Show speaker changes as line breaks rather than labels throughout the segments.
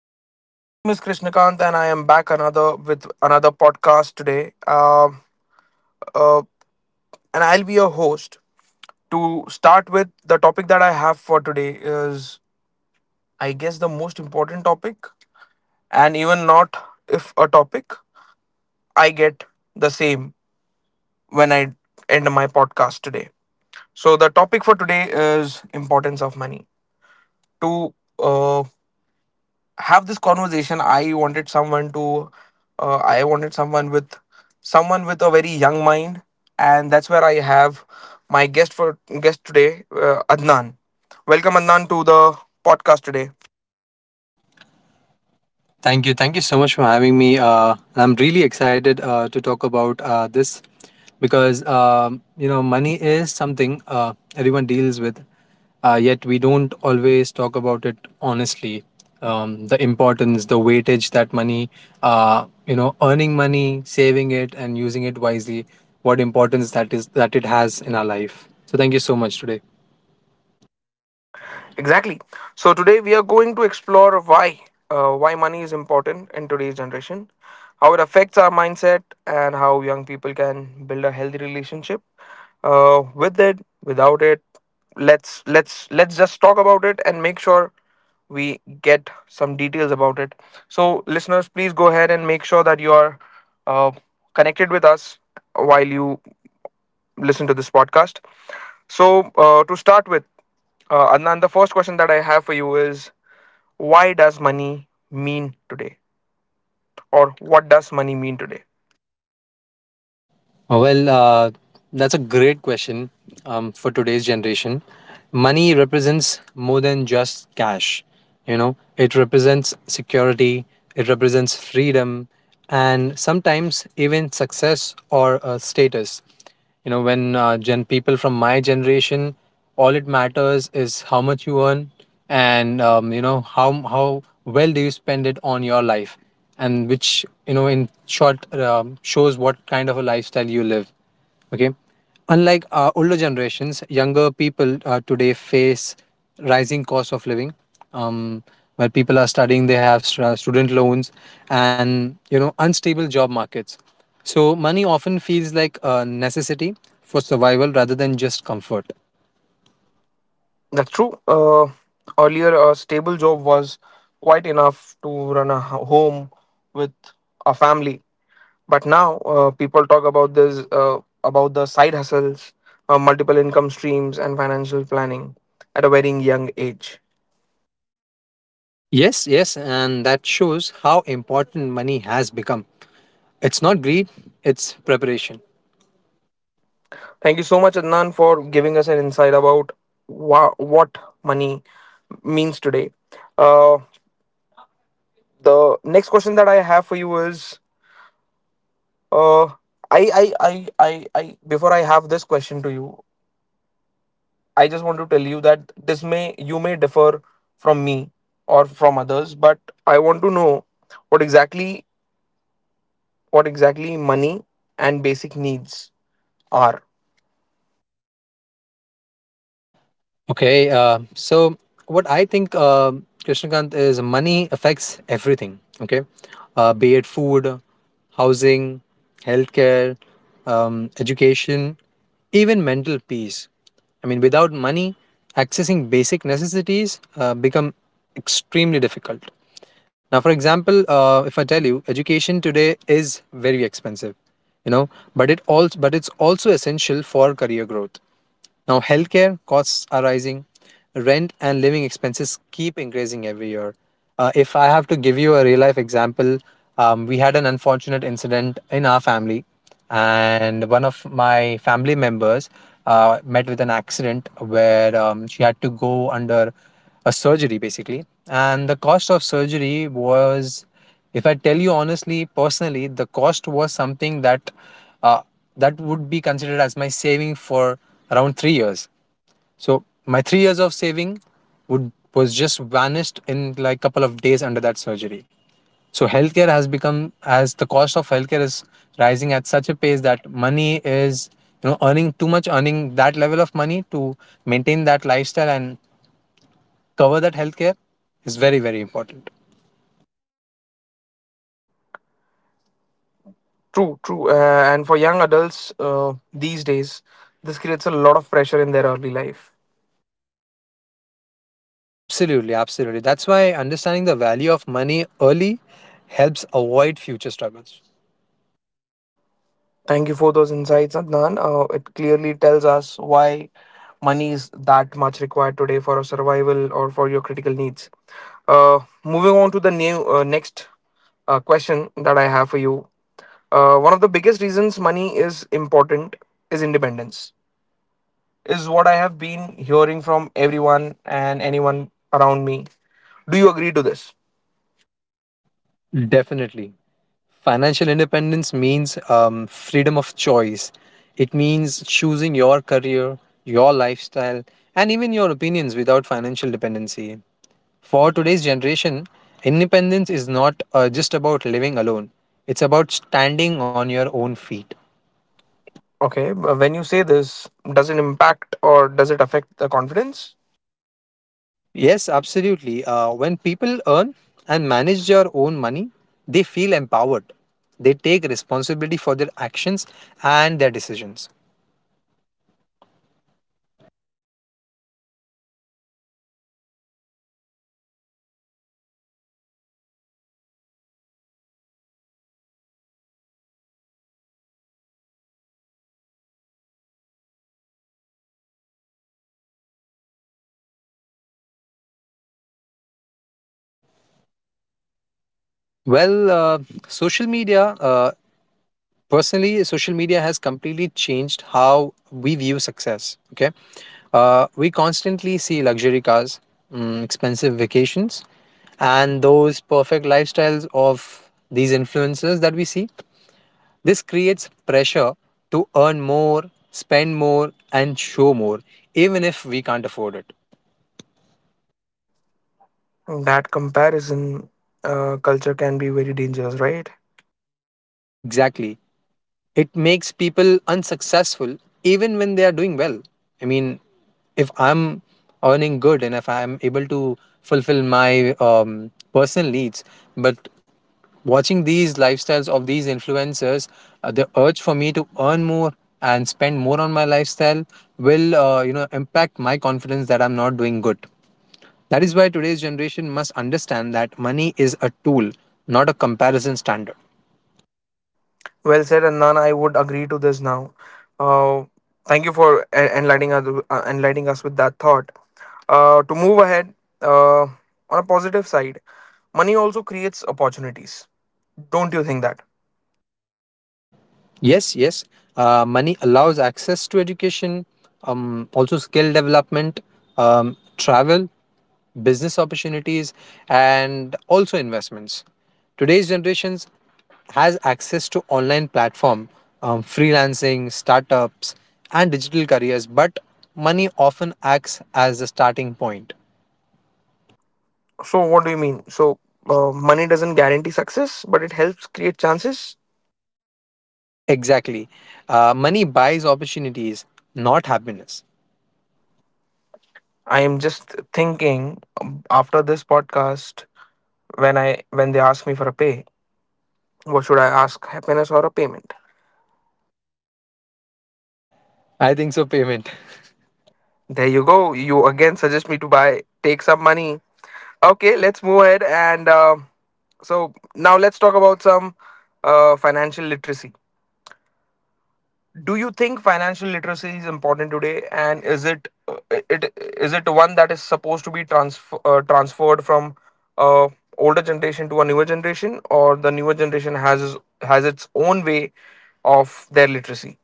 everyone, my name is Krishnakant and I am back another with another podcast today. Uh, and I'll be your host. To start with, the topic that I have for today is, I guess, the most important topic, and even not if a topic, I get the same when I end my podcast today. So the topic for today is importance of money. To uh, have this conversation, I wanted someone to I wanted someone with a very young mind, and that's where I have my guest for guest today, Adnan. Welcome, Adnan, to the podcast today.
Thank you. Thank you so much for having me. And I'm really excited to talk about this because money is something everyone deals with, yet we don't always talk about it honestly. The importance, the weightage that money, earning money, saving it, and using it wisely, what importance that is that it has in our life. So, thank you so much today.
Exactly. So today we are going to explore why money is important in today's generation, how it affects our mindset, and how young people can build a healthy relationship with it, without it. Let's just talk about it and make sure we get some details about it. So listeners, please go ahead and make sure that you are uh, connected with us while you listen to this podcast. So, to start with, Adnan, the first question that I have for you is, why does money mean today? Or what does money mean today?
Well, that's a great question for today's generation. Money represents more than just cash. You know, it represents security, it represents freedom, and sometimes even success or status. When gen people from my generation, all it matters is how much you earn, and how well do you spend it on your life, and which, in short, shows what kind of a lifestyle you live. Okay. Unlike older generations, younger people today face rising cost of living. Um, while people are studying, they have student loans and unstable job markets. So money often feels like a necessity for survival rather than just comfort.
That's true. Earlier, a stable job was quite enough to run a home with a family. But now, people talk about this, about the side hustles, multiple income streams, and financial planning at a very young age.
Yes, yes, and that shows how important money has become. It's not greed, it's preparation.
Thank you so much, Adnan, for giving us an insight about what money means today. Uh, the next question that I have for you is, uh, before I have this question to you, I just want to tell you that this may, you may differ from me or from others, but I want to know what exactly, what exactly money and basic needs are.
Okay, so what I think, Krishnakant, is money affects everything. Okay, be it food, housing, healthcare, education, even mental peace. I mean, without money, accessing basic necessities become extremely difficult. Now, for example, if I tell you, education today is very expensive, you know, but it also but it's also essential for career growth. Now, healthcare costs are rising, rent and living expenses keep increasing every year. If I have to give you a real life example, we had an unfortunate incident in our family, and one of my family members met with an accident where she had to go under a surgery basically. And the cost of surgery was, if I tell you honestly, personally, the cost was something that uh, uh, that would be considered as my saving for around 3 years. So my 3 years of saving would was just vanished in like couple of days under that surgery. So healthcare has become, as the cost of healthcare is rising at such a pace that money is, earning too much, earning that level of money to maintain that lifestyle and cover that healthcare is very very important.
True, true. And for young adults, these days, this creates a lot of pressure in their early life.
Absolutely, absolutely. That's why understanding the value of money early helps avoid future struggles.
Thank you for those insights, Adnan. It clearly tells us why money is that much required today for our survival or for your critical needs. Uh, moving on to the new next question that I have for you. One of the biggest reasons money is important is independence, is what I have been hearing from everyone and anyone around me. Do you agree to this?
Definitely. Financial independence means freedom of choice. It means choosing your career, your lifestyle, and even your opinions without financial dependency. For today's generation, independence is not just about living alone, it's about standing on your own feet.
Okay, but when you say this, does it impact or does it affect the confidence?
Yes, absolutely. When people earn and manage their own money, they feel empowered. They take responsibility for their actions and their decisions. Well, social media, uh, personally, social media has completely changed how we view success. Okay. We constantly see luxury cars, expensive vacations, and those perfect lifestyles of these influencers that we see. This creates pressure to earn more, spend more, and show more, even if we can't afford it.
That comparison culture can be very dangerous, right?
Exactly. It makes people unsuccessful even when they are doing well. I mean, if I'm earning good and if I'm able to fulfill my personal needs, but watching these lifestyles of these influencers, the urge for me to earn more and spend more on my lifestyle will, impact my confidence that I'm not doing good. That is why today's generation must understand that money is a tool, not a comparison standard.
Well said, Anand. I would agree to this now. Uh, thank you for enlightening us, with that thought. To move ahead, on a positive side, money also creates opportunities. Don't you think that?
Yes, yes. Money allows access to education, also skill development, travel, business opportunities, and also investments. Today's generations has access to online platform, freelancing, startups, and digital careers, but money often acts as the starting point.
So, what do you mean? So, money doesn't guarantee success, but it helps create chances.
Exactly. Money buys opportunities, not happiness.
I am just thinking, after this podcast, when I when they ask me for a pay, what should I ask? Happiness or a payment?
I think so, payment.
There you go. You again suggest me to buy take some money. Okay, let's move ahead, and so now let's talk about some, financial literacy. Do you think financial literacy is important today, and is it is it one that is supposed to be transferred from, uh, older generation to a newer generation, or the newer generation has has its own way of their literacy?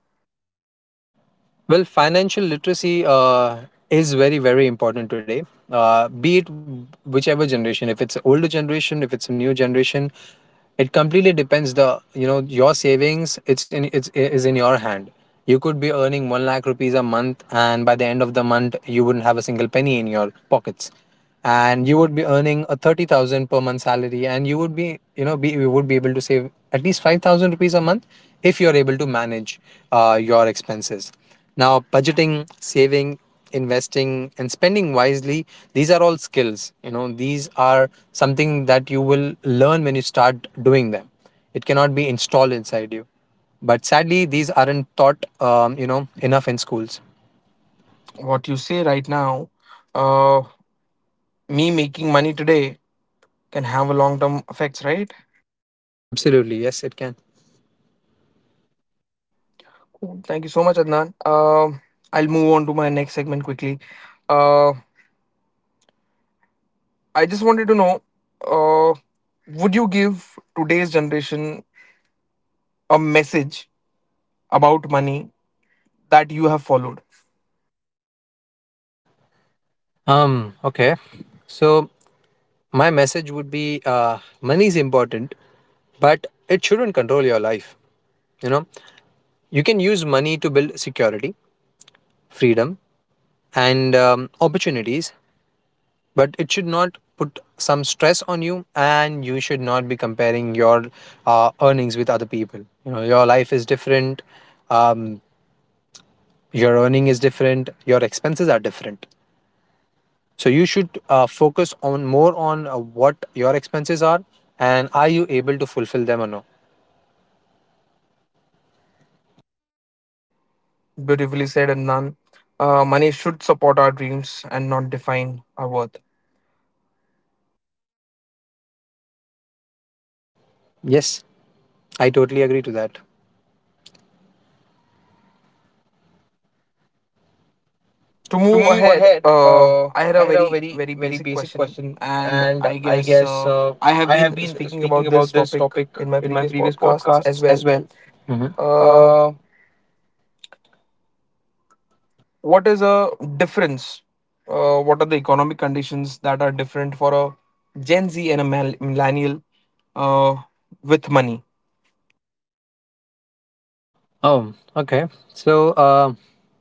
Well, financial literacy is very, very important today. Be it whichever generation, if it's older generation, if it's a new generation, it completely depends. The you know Your savings, it's in it's is in your hand. You could be earning 1 lakh rupees a month, and by the end of the month, you wouldn't have a single penny in your pockets, and you would be earning a 30,000 per month salary, and you would be able to save at least 5,000 rupees a month if you are able to manage your expenses. Now, budgeting, saving, investing, and spending wisely, these are all skills. You know, these are something that you will learn when you start doing them. It cannot be installed inside you. But sadly, these aren't taught, enough in schools.
What you say right now, uh, me making money today can have a long term effects, right?
Absolutely. Yes, it can.
Cool. Thank you so much, Adnan. Um, I'll move on to my next segment quickly. Uh, I just wanted to know, uh, would you give today's generation a message about money that you have followed?
Okay. So, my message would be money is important, but it shouldn't control your life. You know, you can use money to build security, freedom, and opportunities, but it should not put some stress on you, and you should not be comparing your earnings with other people. Your life is different, um, your earning is different, your expenses are different, so you should focus on more on what your expenses are, and are you able to fulfill them or not.
Beautifully said, Adnan. Money should support our dreams and not define our worth.
Yes, I totally agree to that.
To
To
move
move
ahead,
ahead,
I had
I
a
had a
very,
very,
very
very
basic
basic
question,
question,
and
and
I
I
guess,
guess
I have
I
been
have been
speaking
speaking
about this
about this
topic
topic
in my
in my
previous
previous
podcasts as
podcasts as
well.
well. Mhm.
Uh,
Uh,
what is a difference? What are the economic conditions that are different for a Gen Z and a millennial, uh, with money?
Oh, okay. So, uh,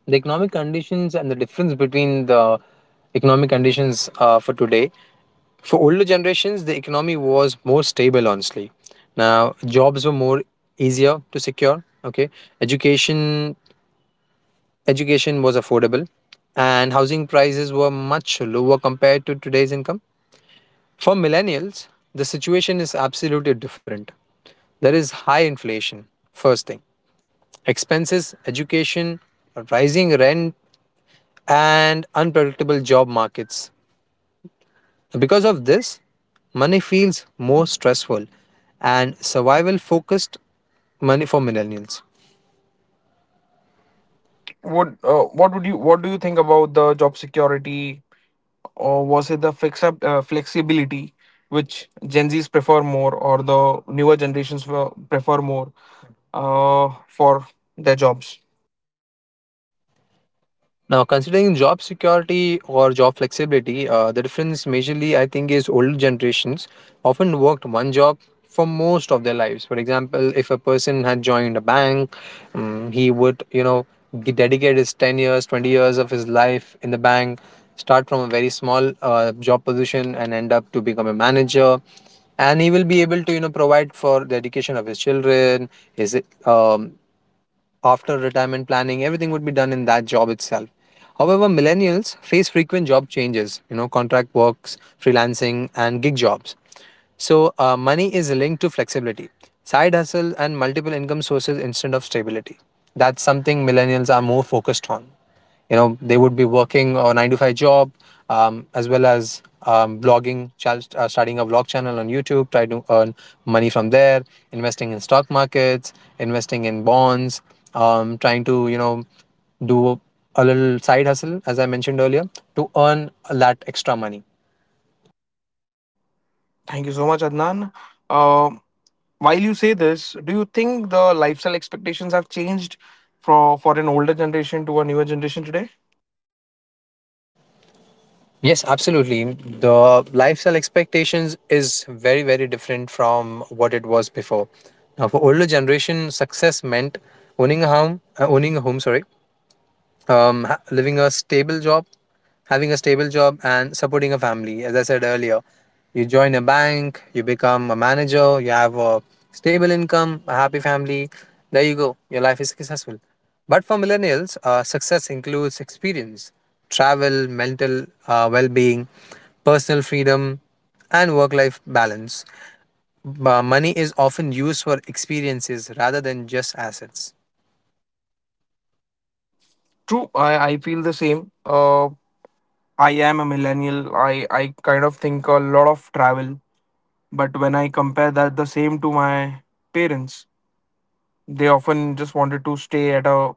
the economic conditions and the difference between the economic conditions for today. For older generations, the economy was more stable, honestly. Now, jobs were more easier to secure. Okay. Education Education was affordable and housing prices were much lower compared to today's income. For millennials, the situation is absolutely different. There is high inflation, first thing, expenses, education, rising rent, and unpredictable job markets. Because of this, money feels more stressful and survival focused money for millennials.
Would what would you what do you think about the job security, or was it the fix up flexibility which Gen Zs prefer more, or the newer generations, prefer more, for their jobs?
Now, considering job security or job flexibility, the difference majorly I think is older generations often worked one job for most of their lives. For example, if a person had joined a bank, he would, dedicate his 10 years, 20 years of his life in the bank, start from a very small job position and end up to become a manager. And he will be able to, provide for the education of his children, his um, after retirement planning, everything would be done in that job itself. However, millennials face frequent job changes, contract works, freelancing, and gig jobs. So, money is linked to flexibility, side hustle, and multiple income sources instead of stability. That's something millennials are more focused on. You know, they would be working a 9 to 5 job, as well as blogging, starting a vlog channel on YouTube, try to earn money from there, investing in stock markets, investing in bonds, trying to do a little side hustle, as I mentioned earlier, to earn that extra money.
Thank you so much, Adnan. Uh, While you say this, do you think the lifestyle expectations have changed for an older generation to a newer generation today?
Yes, absolutely. The lifestyle expectations is very, very different from what it was before. Now, for older generation, success meant owning a home, sorry, ha- living a stable job, having a stable job, and supporting a family. As I said earlier, you join a bank, you become a manager, you have a stable income, a happy family. There you go, your life is successful. But for millennials, success includes experience, travel, mental well being, personal freedom, and work life balance. But money is often used for experiences rather than just assets.
True, I feel the same. I am a millennial. I kind of think a lot of travel, but when I compare that the same to my parents, they often just wanted to stay at a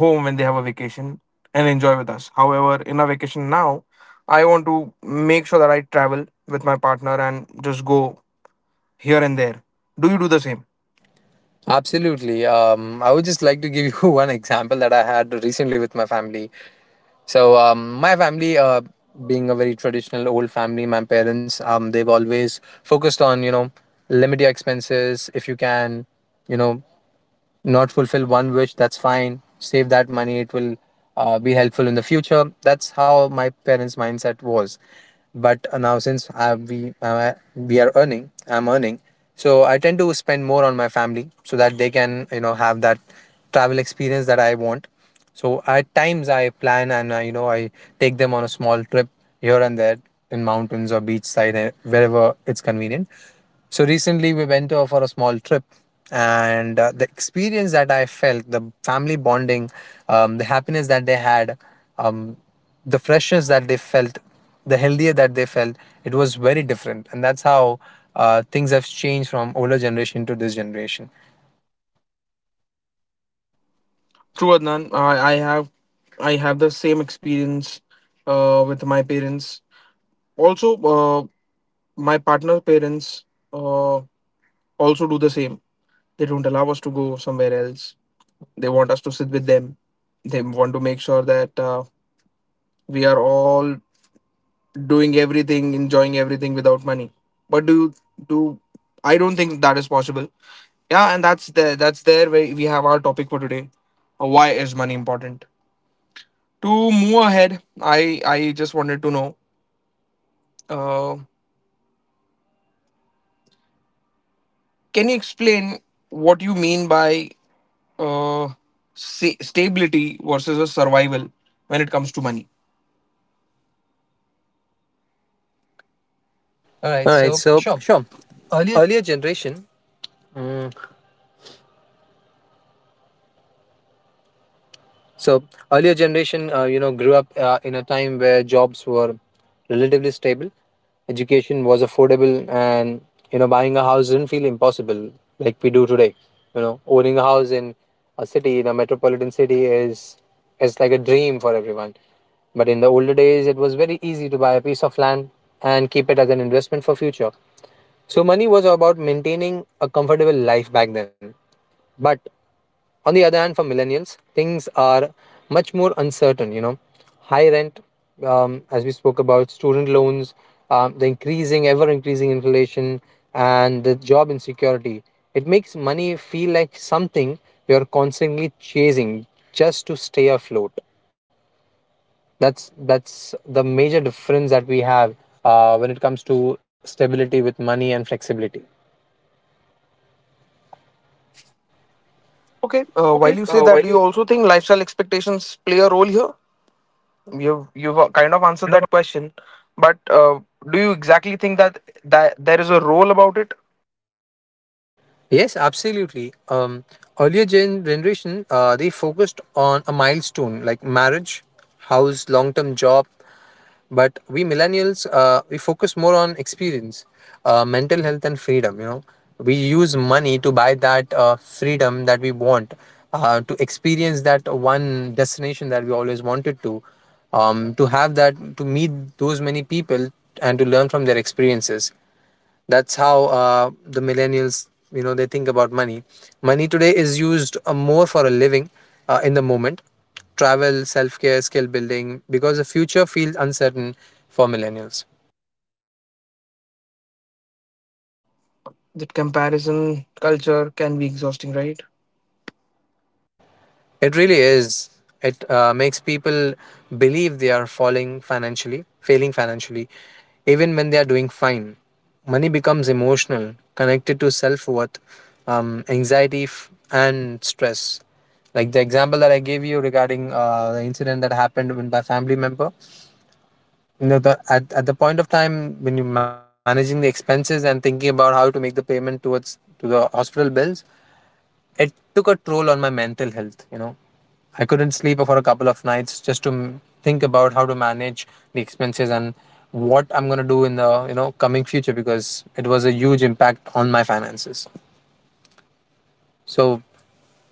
home when they have a vacation and enjoy with us. However, in a vacation now, I want to make sure that I travel with my partner and just go here and there. Do you do
Do
the
the
same?
same. Absolutely. I would just like to give you one example that I had recently with my family. So, my family, being a very traditional old family, my parents, they've always focused on, limit your expenses if you can, you know, not fulfill one wish, that's fine. Save that money, it will be helpful in the future. That's how my parents' mindset was. But now, since I, we are earning, I'm earning, so I tend to spend more on my family so that they can have that travel experience that I want. So at times I plan and I, you know I take them on a small trip here and there in mountains or beachside, wherever it's convenient. So recently we went for a small trip, and the experience that I felt, the family bonding, the happiness that they had, um, the freshness that they felt, the healthier that they felt, it was very different. And that's how things have changed from older generation to this generation.
True, Adnan. I have I have the same experience, with my parents. Also, my partner's parents, uh, also do the same. They don't allow us to go somewhere else. They want us to sit with them. They want to make sure that, we are all doing everything, enjoying everything without money. But do you do? I don't think that is possible. Yeah, and that's there. That's there where we have our topic for today. Why is money important? To move ahead, i I just wanted to know, uh, can you explain what you mean by, uh, stability versus a survival when it comes to money? All right,
All right,
so
so
sure.
sure.
Earlier,
Earlier generation, So earlier generation, grew up in a time where jobs were relatively stable, education was affordable, and, you know, buying a house didn't feel impossible like we do today. You know, owning a house in a city in a metropolitan city is like a dream for everyone. But in the older days, it was very easy to buy a piece of land and keep it as an investment for future. So money was about maintaining a comfortable life back then. But on the other hand, for millennials, things are much more uncertain. You know, high rent, as we spoke about, student loans, ever increasing inflation, and the job insecurity. It makes money feel like something you're constantly chasing just to stay afloat. That's the major difference that we have when it comes to stability with money and flexibility.
okay,
Okay,
while you say
while
that,
you
do you also think lifestyle expectations play a role here? You've kind of
you've
answered
kind of
that question, but, do you exactly think that there is a role about it?
Yes, absolutely. Earlier generation, they focused on a milestone like marriage, house, long-term job. But we millennials, we focus more on experience, mental health, and freedom. You know, we use money to buy that freedom that we want, to experience that one destination that we always wanted to have that, to meet those many people, and to learn from their experiences. That's how the millennials, you know, they think about money. Money today is used more for a living in the moment, travel, self care, skill building, because the future feels uncertain for millennials.
That comparison culture can be exhausting, right?
It really is. It makes people believe they are failing financially, even when they are doing fine. Money becomes emotional, connected to self worth, anxiety, and stress. Like the example that I gave you regarding the incident that happened with my family member. You know, at the point of time when you're managing the expenses and thinking about how to make the payment towards to the hospital bills, it took a toll on my mental health, you know. I couldn't sleep for a couple of nights just to think about how to manage the expenses and what I'm going to do in the, you know, coming future because it was a huge impact on my finances. So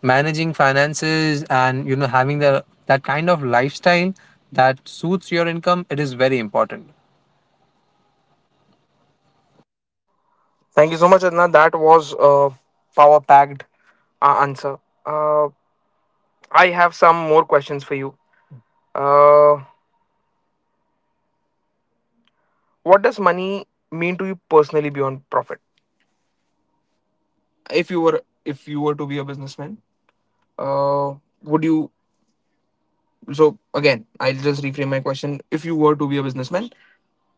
managing finances and, you know, having the that kind of lifestyle that suits your income, it is very important.
Thank you so much, Adnan. That was a power packed, answer. Uh, I have some more questions for you. Uh, what does money mean to you personally beyond profit? If you were to be a businessman, uh, would you? So again, I'll just reframe my question. If you were to be a businessman,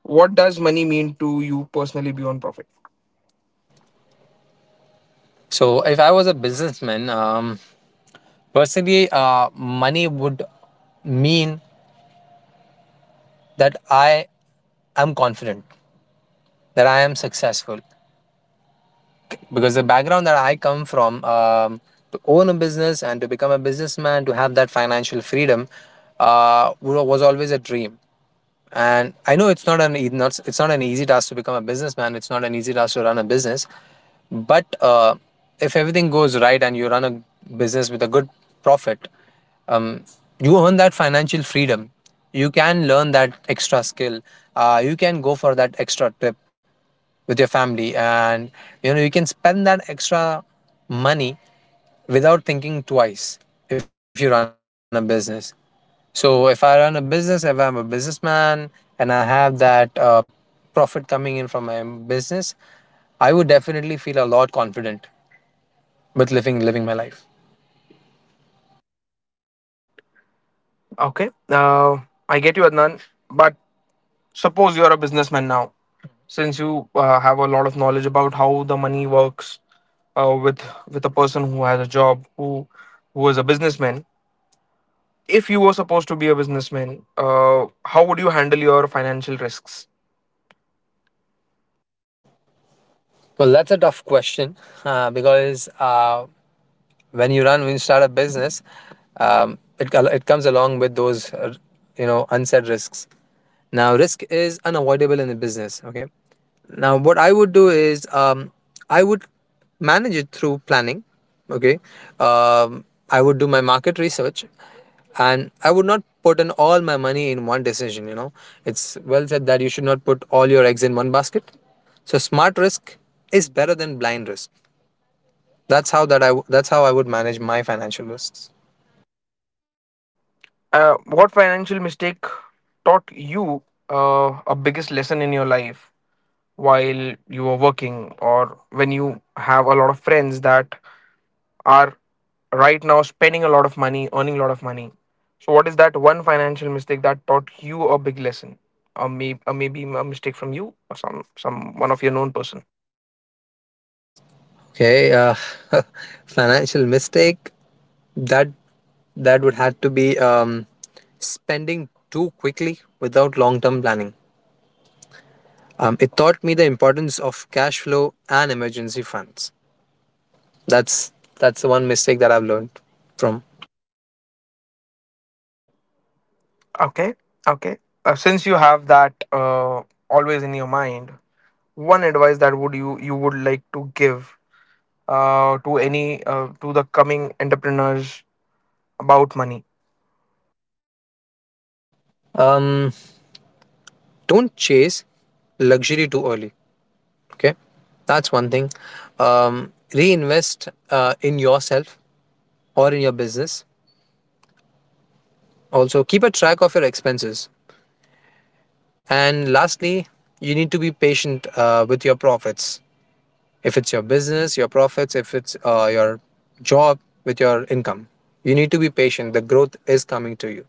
what does money mean to you personally beyond profit?
So if I was a businessman, personally, money would mean that I am confident, that I am successful, because the background that I come from, to own a business and to become a businessman, to have that financial freedom, was always a dream. And I know it's not an e- not it's not an easy task to become a businessman. It's not an easy task to run a business, but if everything goes right and you run a business with a good profit, um, you earn that financial freedom. You can learn that extra skill. You can go for that extra trip with your family, and you know you can spend that extra money without thinking twice if you run a business. So if I run a business, if I'm a businessman, and I have that profit coming in from my business, I would definitely feel a lot confident with living my life.
Okay, I get you, Adnan. But suppose you're a businessman now, since you, have a lot of knowledge about how the money works, uh, with with a person who has a job, who is a businessman. If you were supposed to be a businessman, how would you handle your financial risks?
Well, that's a tough question, because when you run when you start a business, um, it, it comes along with those unsaid risks. Now risk is unavoidable in the business, okay. Now, what I would do is I would manage it through planning. Okay. Um, I would do my market research and I would not put in all my money in one decision. You know, it's well said that you should not put all your eggs in one basket. So, smart risk is better than blind risk. That's how I would manage my financial risks.
Uh, what financial mistake taught you, a biggest lesson in your life, while you were working or when you have a lot of friends that are right now spending a lot of money, earning a lot of money? So what is that one financial mistake that taught you a big lesson, or maybe a mistake from you or some one of your known person?
Okay, financial mistake that that would have to be spending too quickly without long term planning. It taught me the importance of cash flow and emergency funds. That's that's the one mistake that I've learned from.
Okay, okay. Since you have that, always in your mind, one advice that would you you would like to give, to any to the coming entrepreneurs about money?
Um, don't chase luxury too early. Okay, that's one thing. Reinvest in yourself or in your business. Also, keep a track of your expenses. And lastly, you need to be patient with your profits. If it's your business, your profits, if it's your job, with your income, you need to be patient. The growth is coming to you.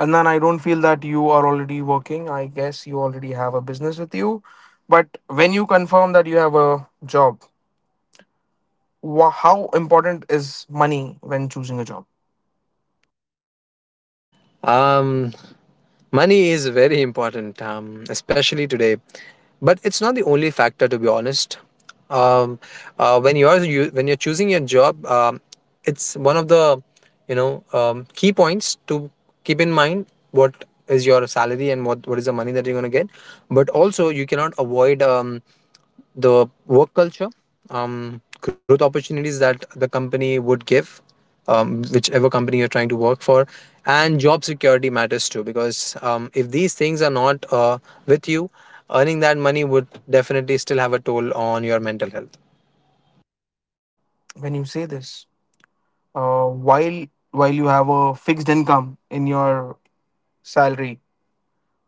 And then I don't feel that you are already working. I guess you already have a business with you, but when you confirm that you have a job, wha how important is money when choosing a job?
Um, money is very important, especially today, but it's not the only factor. To be honest, um, when you're choosing your job, it's one of the key points to keep in mind. What is your salary, and what is the money that you're gonna get? But also, you cannot avoid the work culture, growth opportunities that the company would give, whichever company you're trying to work for, and job security matters too. Because if these things are not with you, earning that money would definitely still have a toll on your mental health.
When you say this, uh, while while you have a fixed income in your salary,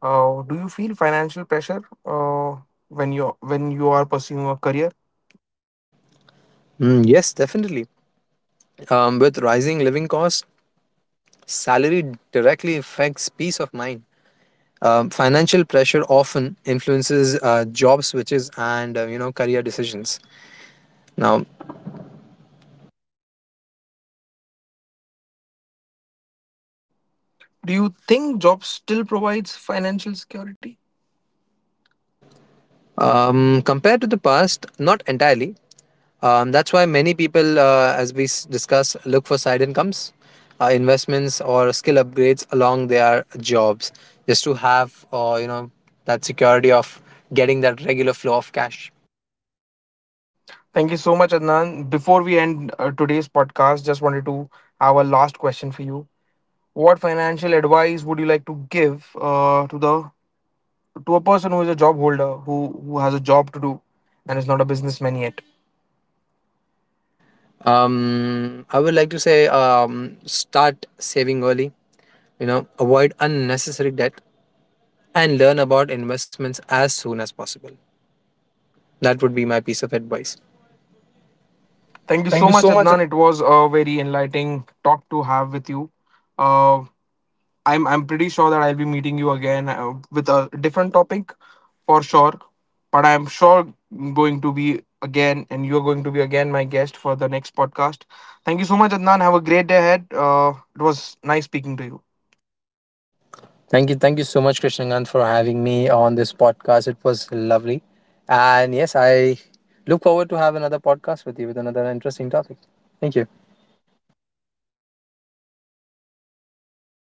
uh, do you feel financial pressure, when you are pursuing a career?
Mm, yes, definitely. With rising living costs, salary directly affects peace of mind. Financial pressure often influences job switches and, career decisions. Now,
Do you think jobs still provides financial security?
um, compared to the past, not entirely. That's why many people, as we discuss, look for side incomes, investments, or skill upgrades along their jobs, just to have, you know, that security of getting that regular flow of cash.
Thank you so much, Adnan. Before we end, today's podcast, just wanted to have a last question for you. What financial advice would you like to give, to the, to a person who is a job holder, who has a job to do and is not a businessman yet?
I would like to say, start saving early. You know, avoid unnecessary debt and learn about investments as soon as possible. That would be my piece of advice.
Thank you
Thank
so
you
much,
so much.
Adnan. It was a very enlightening talk to have with you. Uh, I'm pretty sure that I'll be meeting you again, with a different topic for sure. But I'm sure going to be again, and you're going to be again my guest for the next podcast. Thank you so much, Adnan. Have a great day ahead. It was nice speaking to you.
Thank you. Thank you so much, Krishnagant, for having me on this podcast. It was lovely. And yes, I look forward to have another podcast with you with another interesting topic. Thank you.